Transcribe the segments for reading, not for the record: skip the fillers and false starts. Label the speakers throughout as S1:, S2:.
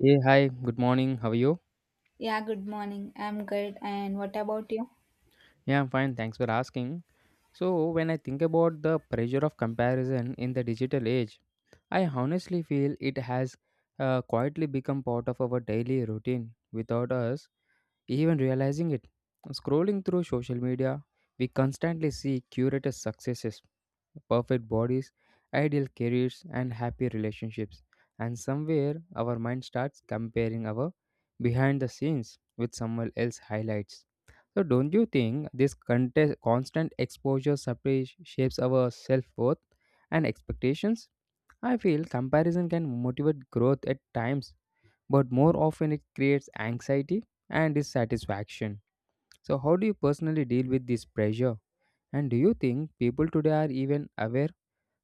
S1: Hey, hi, good morning. How are you?
S2: Yeah, good morning. I'm good. And what about you?
S1: Yeah, I'm fine. Thanks for asking. So, when I think about the pressure of comparison in the digital age, I honestly feel it has quietly become part of our daily routine without us even realizing it. Scrolling through social media, we constantly see curated successes, perfect bodies, ideal careers, and happy relationships. And somewhere our mind starts comparing our behind the scenes with someone else's highlights. So, don't you think this constant exposure separate shapes our self worth and expectations? I feel comparison can motivate growth at times but more often it creates anxiety and dissatisfaction. So, how do you personally deal with this pressure? And do you think people today are even aware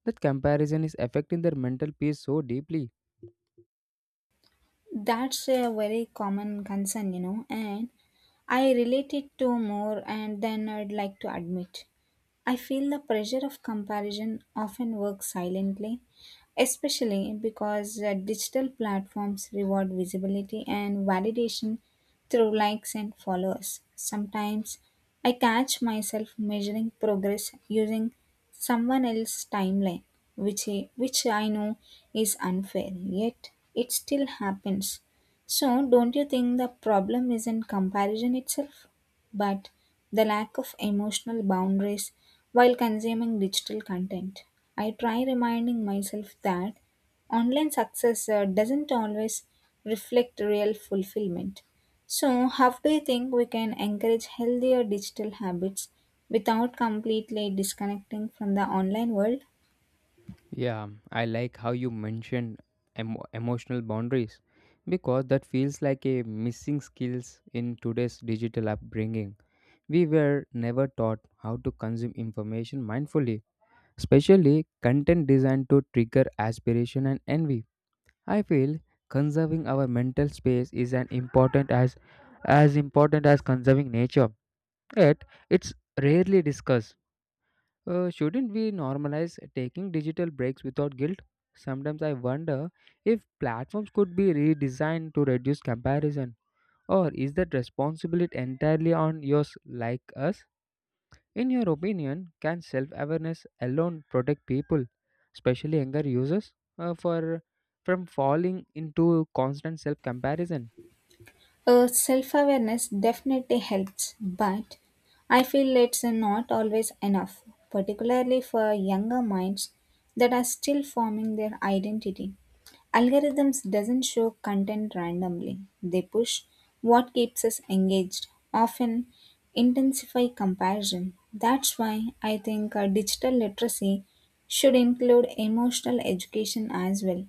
S1: that comparison is affecting their mental peace so deeply?
S2: That's a very common concern, you know, and I relate it to more and then I'd like to admit. I feel the pressure of comparison often works silently, especially because digital platforms reward visibility and validation through likes and followers. Sometimes I catch myself measuring progress using someone else's timeline, which I know is unfair, yet it still happens. So, don't you think the problem is in comparison itself? But the lack of emotional boundaries while consuming digital content. I try reminding myself that online success doesn't always reflect real fulfillment. So, how do you think we can encourage healthier digital habits without completely disconnecting from the online world?
S1: Yeah, I like how you mentioned emotional boundaries because that feels like a missing skills in today's digital upbringing. We were never taught how to consume information mindfully, especially content designed to trigger aspiration and envy. I feel conserving our mental space is an important as important as conserving nature. Yet it's rarely discussed. Shouldn't we normalize taking digital breaks without guilt? Sometimes I wonder if platforms could be redesigned to reduce comparison, or is that responsibility entirely on yours, like us? In your opinion, can self awareness alone protect people, especially younger users, from falling into constant self comparison?
S2: Self awareness definitely helps, but I feel it's not always enough, particularly for younger minds that are still forming their identity. Algorithms doesn't show content randomly. They push what keeps us engaged, often intensify comparison. That's why I think digital literacy should include emotional education as well.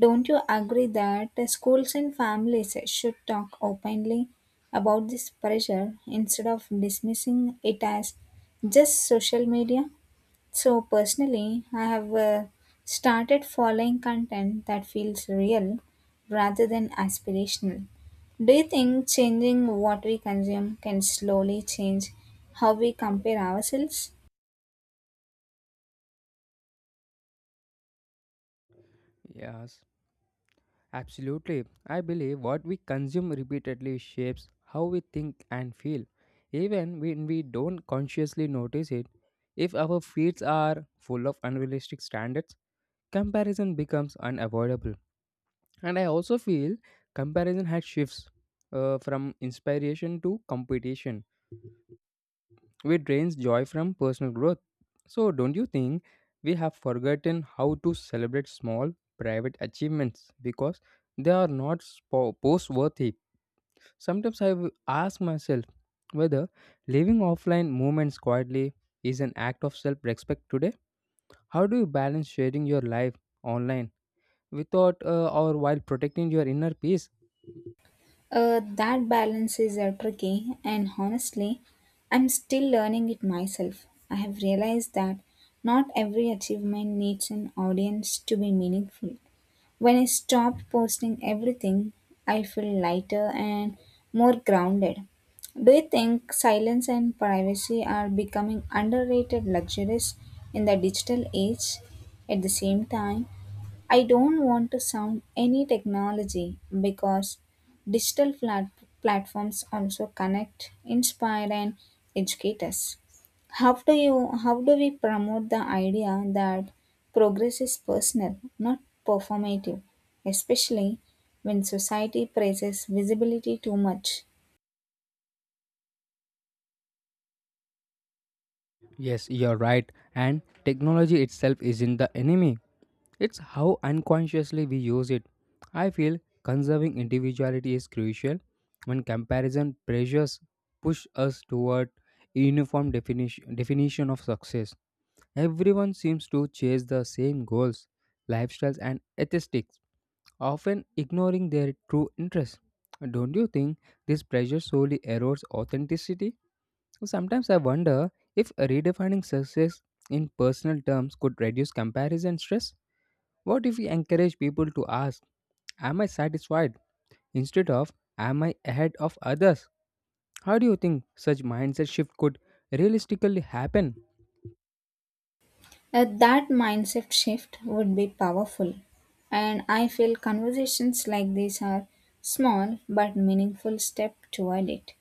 S2: Don't you agree that schools and families should talk openly about this pressure instead of dismissing it as just social media? So, personally, I have started following content that feels real rather than aspirational. Do you think changing what we consume can slowly change how we compare ourselves?
S1: Yes, absolutely. I believe what we consume repeatedly shapes how we think and feel, even when we don't consciously notice it. If our feeds are full of unrealistic standards, comparison becomes unavoidable. And I also feel comparison has shifts from inspiration to competition we drains joy from personal growth. So, don't you think we have forgotten how to celebrate small private achievements because they are not post worthy? Sometimes ask myself whether living offline moments quietly is an act of self respect today. How do you balance sharing your life online without or while protecting your inner peace?
S2: That balance is tricky, and honestly, I'm still learning it myself. I have realized that not every achievement needs an audience to be meaningful. When I stopped posting everything, I feel lighter and more grounded. Do you think silence and privacy are becoming underrated luxuries in the digital age? At the same time, I don't want to sound any technology because digital flat- platforms also connect, inspire, and educate us. How do we promote the idea that progress is personal, not performative, especially when society praises visibility too much?
S1: Yes, you're right. And technology itself isn't the enemy. It's how unconsciously we use it. I feel conserving individuality is crucial when comparison pressures push us toward a uniform definition of success. Everyone seems to chase the same goals, lifestyles, and aesthetics, often ignoring their true interests. Don't you think this pressure solely erodes authenticity? Sometimes I wonder if redefining success in personal terms could reduce comparison stress. What if we encourage people to ask, am I satisfied, instead of am I ahead of others? How do you think such mindset shift could realistically happen?
S2: That mindset shift would be powerful. And I feel conversations like these are small but meaningful step toward it.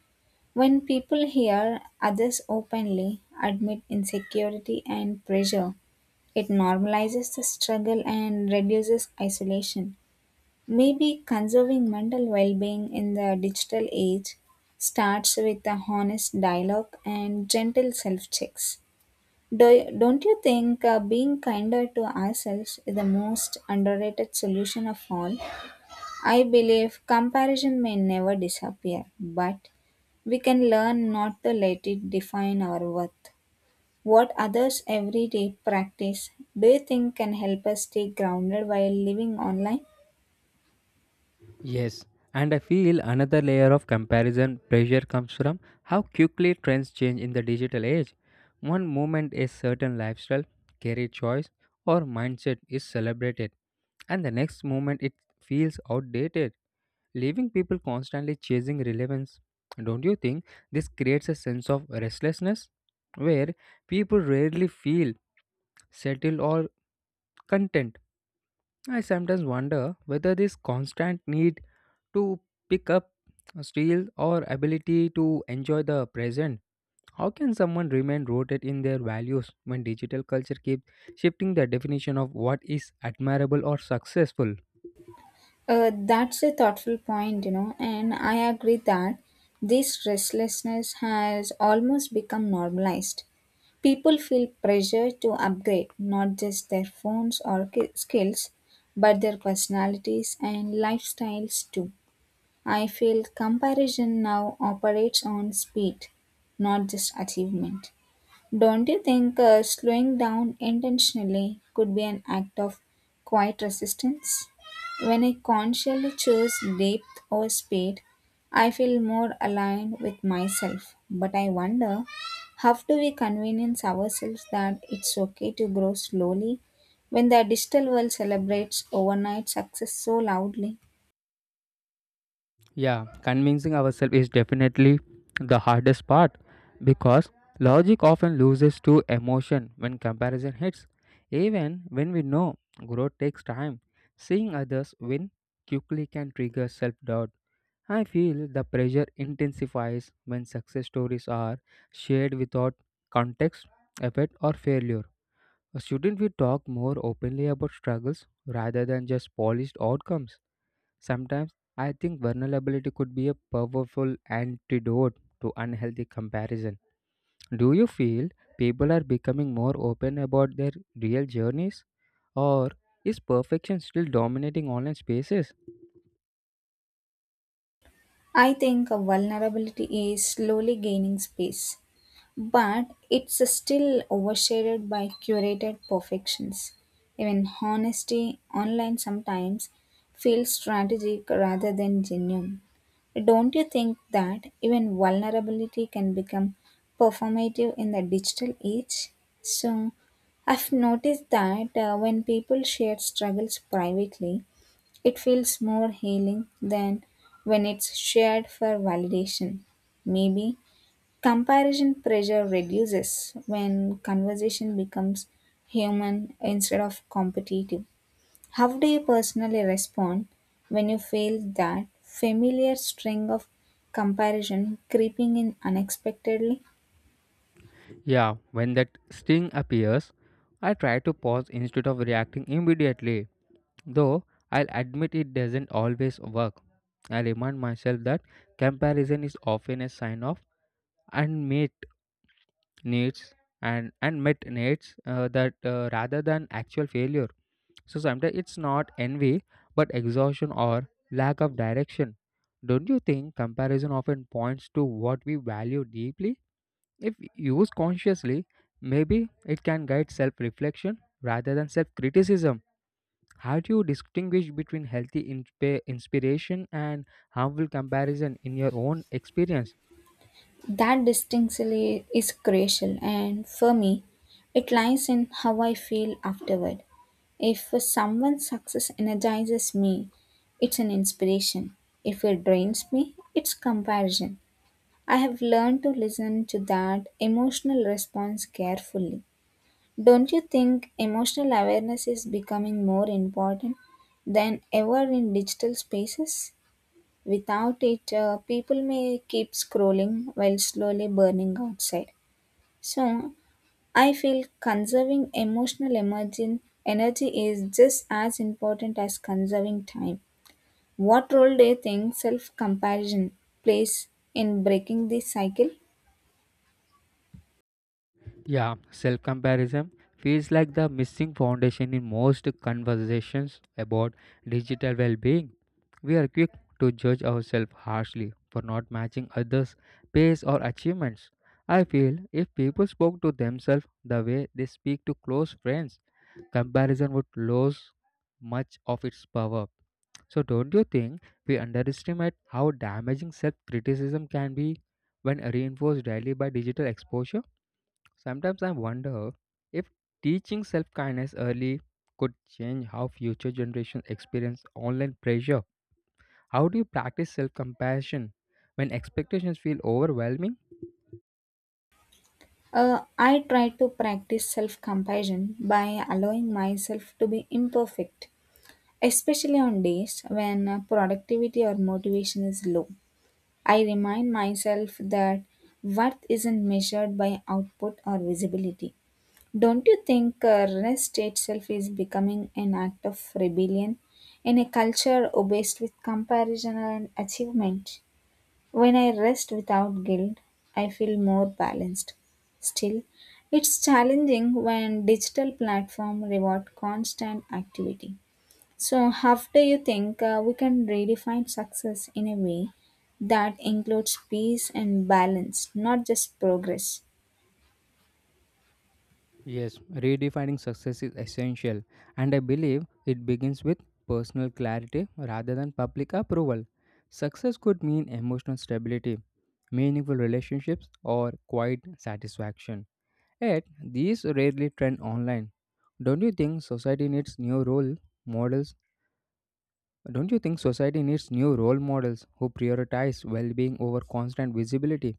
S2: When people hear others openly admit insecurity and pressure, it normalizes the struggle and reduces isolation. Maybe conserving mental well being in the digital age starts with a honest dialogue and gentle self checks. Don't you think being kinder to ourselves is the most underrated solution of all? I believe comparison may never disappear, but we can learn not to let it define our worth. What others everyday practice do you think can help us stay grounded while living online?
S1: Yes, and I feel another layer of comparison pressure comes from how quickly trends change in the digital age. One moment a certain lifestyle, career choice, or mindset is celebrated, and the next moment it feels outdated, leaving people constantly chasing relevance. Don't you think this creates a sense of restlessness where people rarely feel settled or content? I sometimes wonder whether this constant need to pick up steel or ability to enjoy the present. How can someone remain rooted in their values when digital culture keeps shifting the definition of what is admirable or successful?
S2: That's a thoughtful point, you know, and I agree that this restlessness has almost become normalized. People feel pressure to upgrade not just their phones or skills, but their personalities and lifestyles too. I feel comparison now operates on speed, not just achievement. Don't you think slowing down intentionally could be an act of quiet resistance? When I consciously choose depth over speed, I feel more aligned with myself. But I wonder, how do we convince ourselves that it's okay to grow slowly when the digital world celebrates overnight success so loudly?
S1: Yeah, convincing ourselves is definitely the hardest part because logic often loses to emotion when comparison hits. Even when we know growth takes time, seeing others win quickly can trigger self doubt. I feel the pressure intensifies when success stories are shared without context, effort, or failure. Shouldn't we talk more openly about struggles rather than just polished outcomes? Sometimes I think vulnerability could be a powerful antidote to unhealthy comparison. Do you feel people are becoming more open about their real journeys? Or is perfection still dominating online spaces?
S2: I think vulnerability is slowly gaining space but it's still overshadowed by curated perfections. Even honesty online sometimes feels strategic rather than genuine. Don't you think that even vulnerability can become performative in the digital age? So, I've noticed that when people share struggles privately, it feels more healing than when it's shared for validation. Maybe comparison pressure reduces when conversation becomes human instead of competitive. How do you personally respond when you feel that familiar string of comparison creeping in unexpectedly?
S1: Yeah, when that sting appears, I try to pause instead of reacting immediately. Though I'll admit it doesn't always work. I remind myself that comparison is often a sign of unmet needs and met needs that rather than actual failure. So sometimes it's not envy but exhaustion or lack of direction. Don't you think comparison often points to what we value deeply? If used consciously, maybe it can guide self reflection rather than self criticism. How do you distinguish between healthy inspiration and harmful comparison in your own experience?
S2: That distinctly is crucial, and for me, it lies in how I feel afterward. If someone's success energizes me, it's an inspiration. If it drains me, it's comparison. I have learned to listen to that emotional response carefully. Don't you think emotional awareness is becoming more important than ever in digital spaces? Without it, people may keep scrolling while slowly burning outside. So, I feel conserving emotional emerging energy is just as important as conserving time. What role do you think self comparison plays in breaking this cycle?
S1: Yeah, self comparison feels like the missing foundation in most conversations about digital well being. We are quick to judge ourselves harshly for not matching others' pace or achievements. I feel if people spoke to themselves the way they speak to close friends, comparison would lose much of its power. So, don't you think we underestimate how damaging self criticism can be when reinforced daily by digital exposure? Sometimes I wonder if teaching self kindness early could change how future generations experience online pressure. How do you practice self compassion when expectations feel overwhelming?
S2: I try to practice self compassion by allowing myself to be imperfect, especially on days when productivity or motivation is low. I remind myself that worth isn't measured by output or visibility. Don't you think rest itself is becoming an act of rebellion in a culture obsessed with comparison and achievement? When I rest without guilt, I feel more balanced. Still, it's challenging when digital platform reward constant activity. So, how do you think we can redefine success in a way that includes peace and balance, not just progress?
S1: Yes, redefining success is essential, and I believe it begins with personal clarity rather than public approval. Success could mean emotional stability, meaningful relationships, or quiet satisfaction. Yet, these rarely trend online. Don't you think society needs new role models? Don't you think society needs new role models who prioritize well being over constant visibility?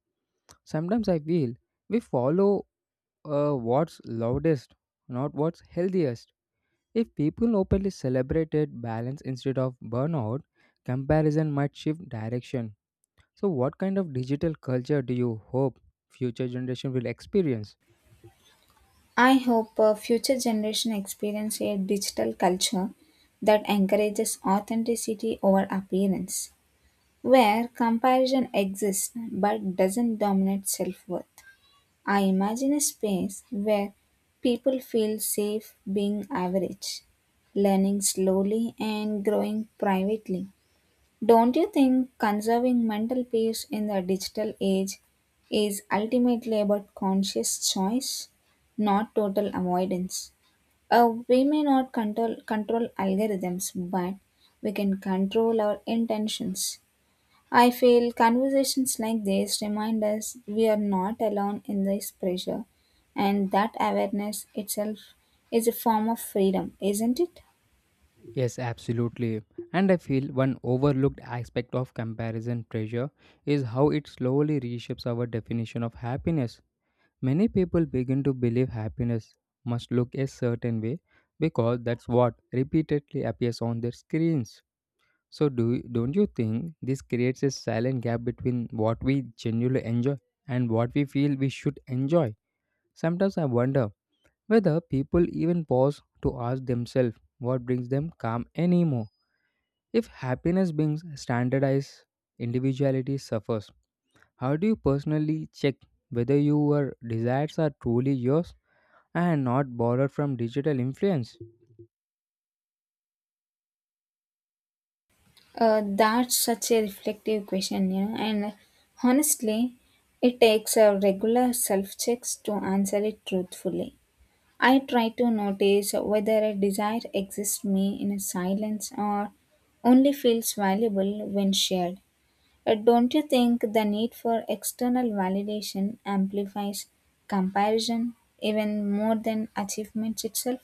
S1: Sometimes I feel we follow what's loudest, not what's healthiest. If people openly celebrated balance instead of burnout, comparison might shift direction. So, what kind of digital culture do you hope future generation will experience?
S2: I hope future generation experience a digital culture that encourages authenticity over appearance where comparison exists but doesn't dominate self worth. I imagine a space where people feel safe being average, learning slowly and growing privately. Don't you think conserving mental peace in the digital age is ultimately about conscious choice, not total avoidance? We may not control algorithms, but we can control our intentions. I feel conversations like this remind us we are not alone in this pressure and that awareness itself is a form of freedom, isn't it?
S1: Yes, absolutely. And I feel one overlooked aspect of comparison pressure is how it slowly reshapes our definition of happiness. Many people begin to believe happiness must look a certain way because that's what repeatedly appears on their screens. So, don't you think this creates a silent gap between what we genuinely enjoy and what we feel we should enjoy? Sometimes I wonder whether people even pause to ask themselves what brings them calm anymore. If happiness brings standardized, individuality suffers. How do you personally check whether your desires are truly yours and not borrowed from digital influence?
S2: That's such a reflective question, you know, and honestly, it takes a regular self checks to answer it truthfully. I try to notice whether a desire exists me in a silence or only feels valuable when shared. Don't you think the need for external validation amplifies comparison even more than achievements itself?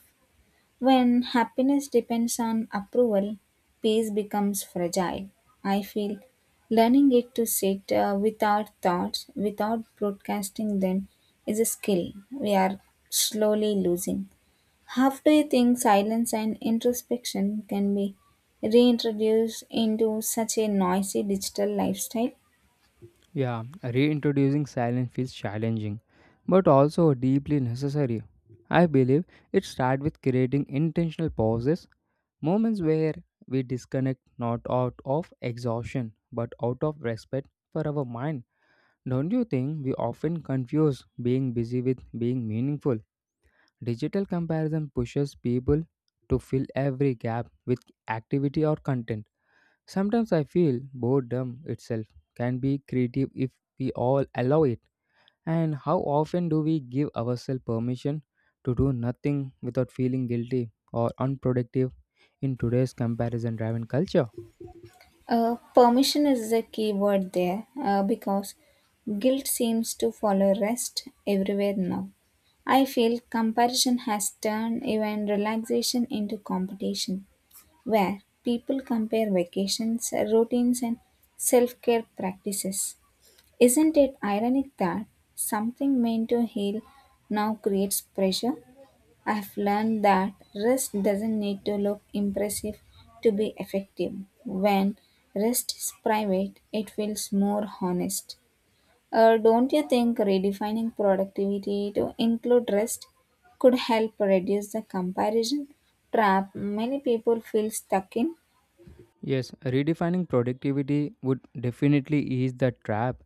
S2: When happiness depends on approval, peace becomes fragile. I feel learning it to sit without thoughts, without broadcasting them, is a skill we are slowly losing. How do you think silence and introspection can be reintroduced into such a noisy digital lifestyle?
S1: Yeah, reintroducing silence feels challenging, but also deeply necessary. I believe it starts with creating intentional pauses, moments where we disconnect not out of exhaustion but out of respect for our mind. Don't you think we often confuse being busy with being meaningful? Digital comparison pushes people to fill every gap with activity or content. Sometimes I feel boredom itself can be creative if we all allow it. And how often do we give ourselves permission to do nothing without feeling guilty or unproductive in today's comparison driven culture?
S2: Permission is the key word there because guilt seems to follow rest everywhere now. I feel comparison has turned even relaxation into competition, where people compare vacations, routines, and self care practices. Isn't it ironic that something meant to heal now creates pressure? I've learned that rest doesn't need to look impressive to be effective. When rest is private, it feels more honest. Don't you think redefining productivity to include rest could help reduce the comparison trap many people feel stuck in?
S1: Yes, redefining productivity would definitely ease the trap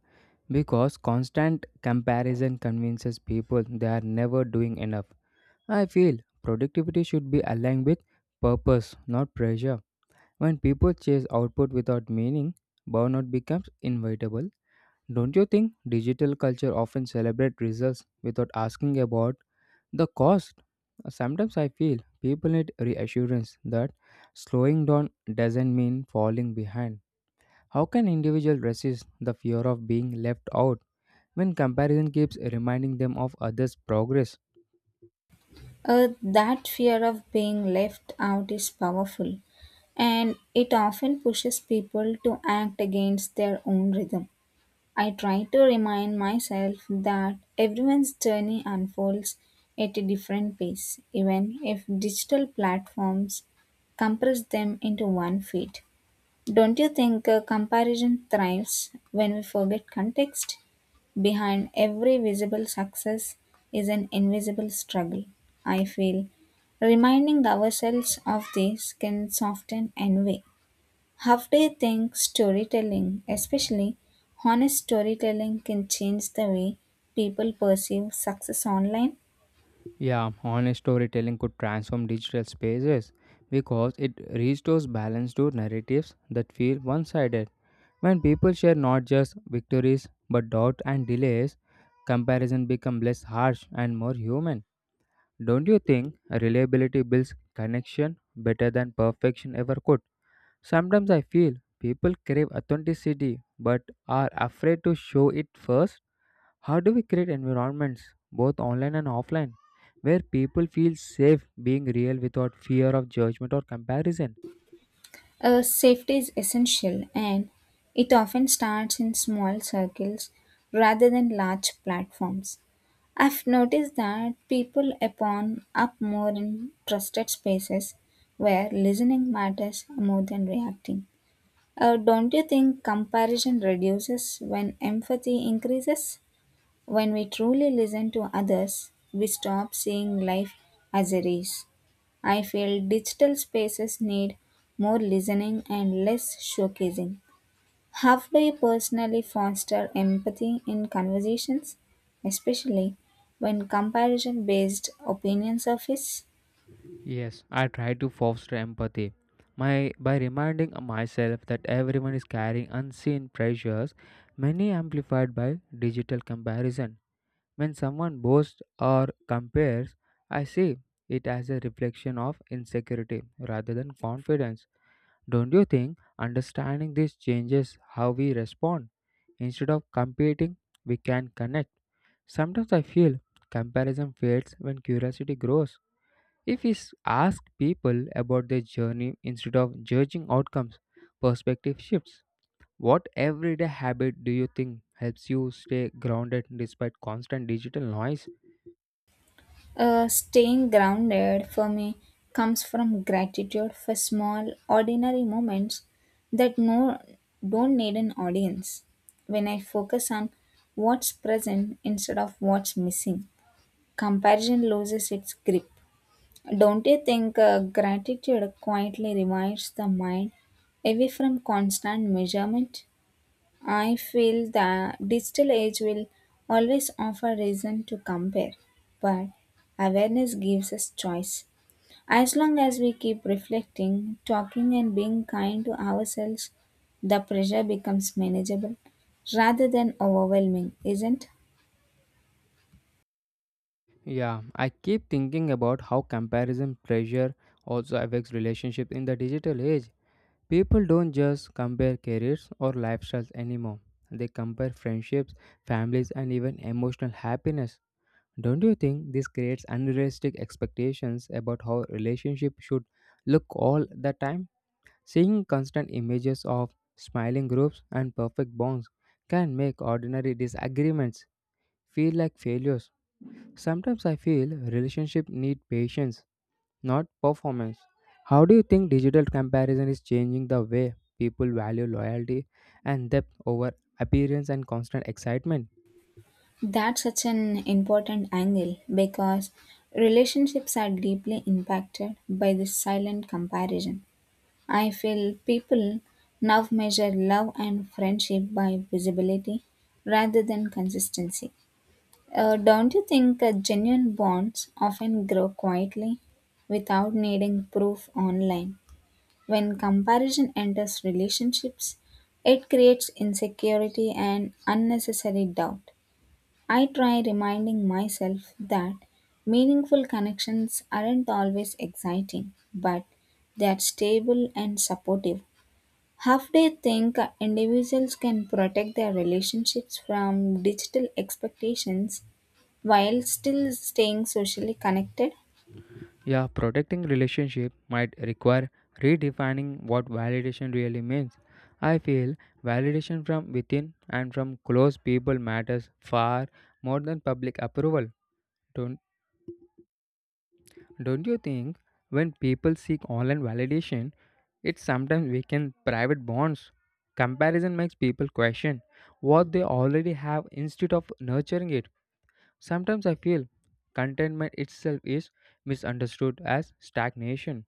S1: because constant comparison convinces people they are never doing enough. I feel productivity should be aligned with purpose, not pressure. When people chase output without meaning, burnout becomes inevitable. Don't you think digital culture often celebrate results without asking about the cost? Sometimes I feel people need reassurance that slowing down doesn't mean falling behind. How can individuals resist the fear of being left out when comparison keeps reminding them of others' progress?
S2: That fear of being left out is powerful and it often pushes people to act against their own rhythm. I try to remind myself that everyone's journey unfolds at a different pace, even if digital platforms compress them into one feed. Don't you think a comparison thrives when we forget context? Behind every visible success is an invisible struggle, I feel. Reminding ourselves of this can soften envy. How do you think storytelling, especially honest storytelling, can change the way people perceive success online?
S1: Yeah, honest storytelling could transform digital spaces because it restores balance to narratives that feel one sided. When people share not just victories but doubt and delays, comparison becomes less harsh and more human. Don't you think reliability builds connection better than perfection ever could? Sometimes I feel people crave authenticity but are afraid to show it first. How do we create environments, both online and offline, where people feel safe being real without fear of judgment or comparison?
S2: Safety is essential and it often starts in small circles rather than large platforms. I've noticed that people upon up more in trusted spaces where listening matters more than reacting. Don't you think comparison reduces when empathy increases? When we truly listen to others, we stop seeing life as a race. I feel digital spaces need more listening and less showcasing. How do you personally foster empathy in conversations, especially when comparison based opinions surface?
S1: Yes, I try to foster empathy. By reminding myself that everyone is carrying unseen pressures, many amplified by digital comparison. When someone boasts or compares, I see it as a reflection of insecurity rather than confidence. Don't you think understanding this changes how we respond? Instead of competing, we can connect. Sometimes I feel comparison fades when curiosity grows. If ask people about their journey instead of judging outcomes, perspective shifts. What everyday habit do you think helps you stay grounded despite constant digital noise?
S2: Staying grounded for me comes from gratitude for small, ordinary moments that no don't need an audience. When I focus on what's present instead of what's missing, comparison loses its grip. Don't you think gratitude quietly reminds the mind away from constant measurement? I feel the digital age will always offer reason to compare, but awareness gives us choice. As long as we keep reflecting, talking, and being kind to ourselves, the pressure becomes manageable rather than overwhelming, isn't
S1: Yeah, I keep thinking about how comparison pressure also affects relationships in the digital age. People don't just compare careers or lifestyles anymore. They compare friendships, families, and even emotional happiness. Don't you think this creates unrealistic expectations about how relationships should look all the time? Seeing constant images of smiling groups and perfect bonds can make ordinary disagreements feel like failures. Sometimes I feel relationships need patience, not performance. How do you think digital comparison is changing the way people value loyalty and depth over appearance and constant excitement?
S2: that such an important angle? Because relationships are deeply impacted by this silent comparison. I feel people now measure love and friendship by visibility rather than consistency. Don't you think genuine bonds often grow quietly without needing proof online? When comparison enters relationships, it creates insecurity and unnecessary doubt. I try reminding myself that meaningful connections aren't always exciting, but they are stable and supportive. Half they think individuals can protect their relationships from digital expectations while still staying socially connected?
S1: Yeah, protecting relationship might require redefining what validation really means. I feel validation from within and from close people matters far more than public approval. Don't don't you think when people seek online validation, it sometimes weakens private bonds? Comparison makes people question what they already have instead of nurturing it. Sometimes I feel contentment itself is misunderstood as stagnation.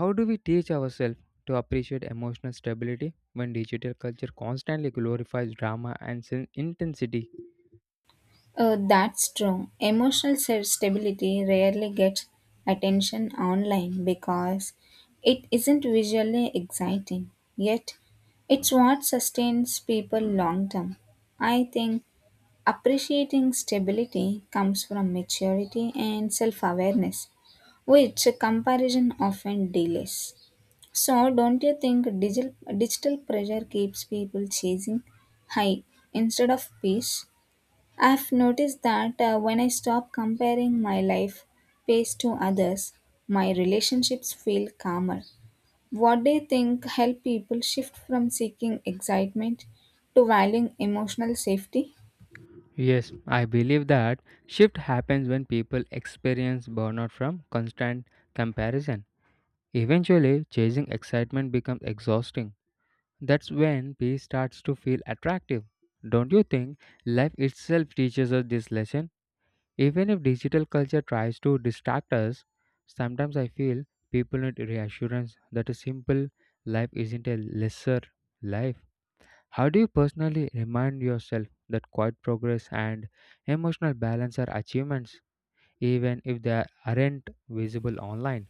S1: How do we teach ourselves to appreciate emotional stability when digital culture constantly glorifies drama and intensity?
S2: That's true. Emotional stability rarely gets attention online because it isn't visually exciting, yet, it's what sustains people long term. I think appreciating stability comes from maturity and self awareness which comparison often delays. So, don't you think digital pressure keeps people chasing high instead of peace? I've noticed that when I stop comparing my life pace to others, my relationships feel calmer. What do you think help people shift from seeking excitement to valuing emotional safety?
S1: Yes, I believe that shift happens when people experience burnout from constant comparison. Eventually, chasing excitement becomes exhausting. That's when peace starts to feel attractive. Don't you think life itself teaches us this lesson? Even if digital culture tries to distract us, sometimes I feel people need reassurance that a simple life isn't a lesser life. How do you personally remind yourself that quiet progress and emotional balance are achievements, even if they aren't visible online?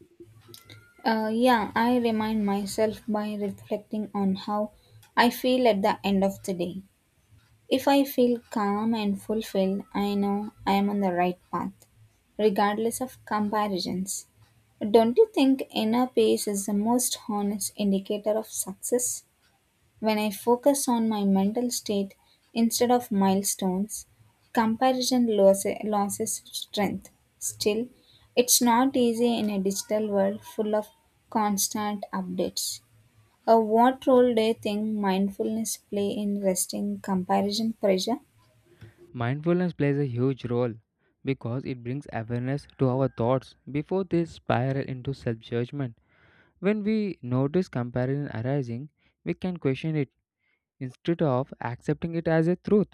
S2: Yeah, I remind myself by reflecting on how I feel at the end of the day. If I feel calm and fulfilled, I know I am on the right path, regardless of comparisons. Don't you think inner peace is the most honest indicator of success? When I focus on my mental state instead of milestones, comparison loses strength. Still, it's not easy in a digital world full of constant updates. What role do you think mindfulness play in resting comparison pressure?
S1: Mindfulness plays a huge role because it brings awareness to our thoughts before they spiral into self judgment. When we notice comparison arising, we can question it instead of accepting it as a truth.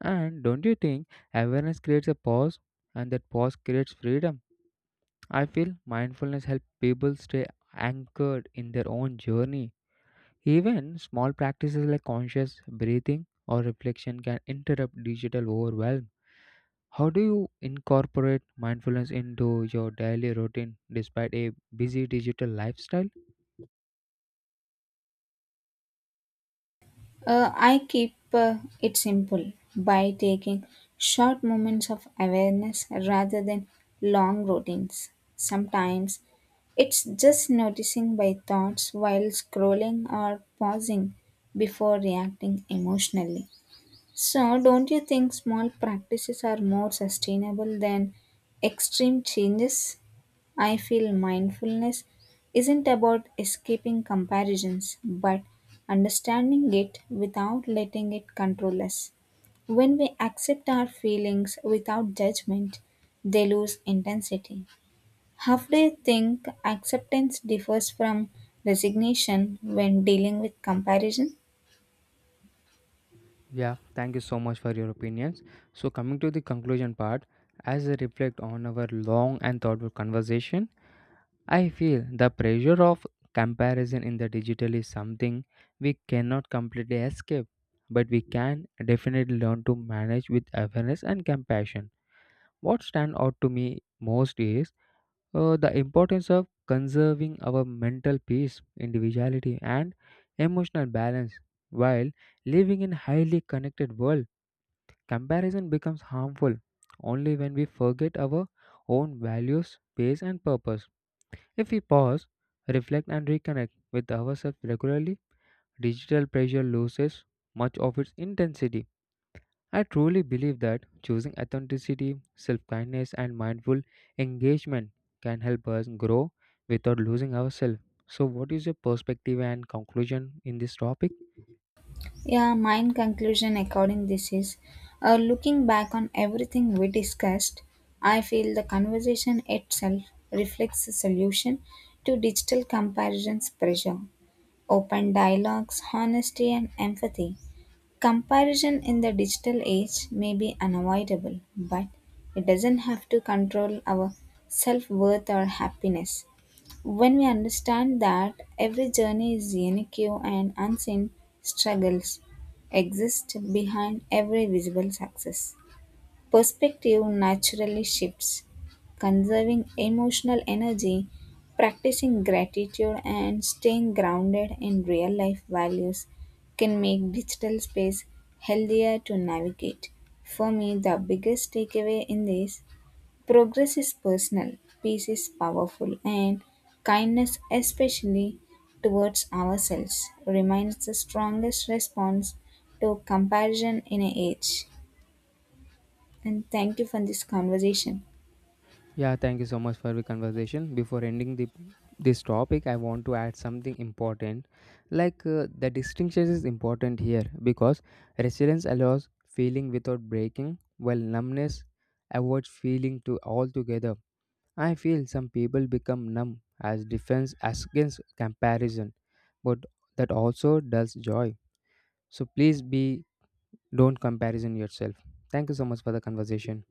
S1: And don't you think awareness creates a pause, and that pause creates freedom? I feel mindfulness helps people stay anchored in their own journey. Even small practices like conscious breathing or reflection can interrupt digital overwhelm. How do you incorporate mindfulness into your daily routine despite a busy digital lifestyle?
S2: I keep it simple by taking short moments of awareness rather than long routines. Sometimes it's just noticing my thoughts while scrolling or pausing before reacting emotionally. So, don't you think small practices are more sustainable than extreme changes? I feel mindfulness isn't about escaping comparisons, but understanding it without letting it control us. When we accept our feelings without judgment, they lose intensity. How do you think acceptance differs from resignation when dealing with comparison?
S1: Yeah, thank you so much for your opinions. So, coming to the conclusion part, as I reflect on our long and thoughtful conversation, I feel the pressure of comparison in the digital is something we cannot completely escape, but we can definitely learn to manage with awareness and compassion. What stand out to me most is the importance of conserving our mental peace, individuality, and emotional balance. While living in a highly connected world, comparison becomes harmful only when we forget our own values, pace, and purpose. If we pause, reflect, and reconnect with ourselves regularly, digital pressure loses much of its intensity. I truly believe that choosing authenticity, self kindness, and mindful engagement can help us grow without losing ourselves. So, what is your perspective and conclusion in this topic?
S2: Yeah, my conclusion according this is looking back on everything we discussed, I feel the conversation itself reflects a solution to digital comparisons pressure, open dialogues, honesty and empathy. Comparison in the digital age may be unavoidable, but it doesn't have to control our self worth or happiness. When we understand that every journey is unique and unseen struggles exist behind every visible success. Perspective naturally shifts. Conserving emotional energy, practicing gratitude, and staying grounded in real life values can make digital space healthier to navigate. For me, the biggest takeaway in this progress is personal, peace is powerful, and kindness, especially towards ourselves, remains the strongest response to comparison in an age and thank you for this conversation.
S1: Yeah, thank you so much for the conversation. Before ending the this topic, I want to add something important. Like the distinction is important here because resilience allows feeling without breaking, while numbness avoids feeling to altogether. I feel some people become numb as defense as against comparison, but that also does joy. So please be don't comparison yourself. Thank you so much for the conversation.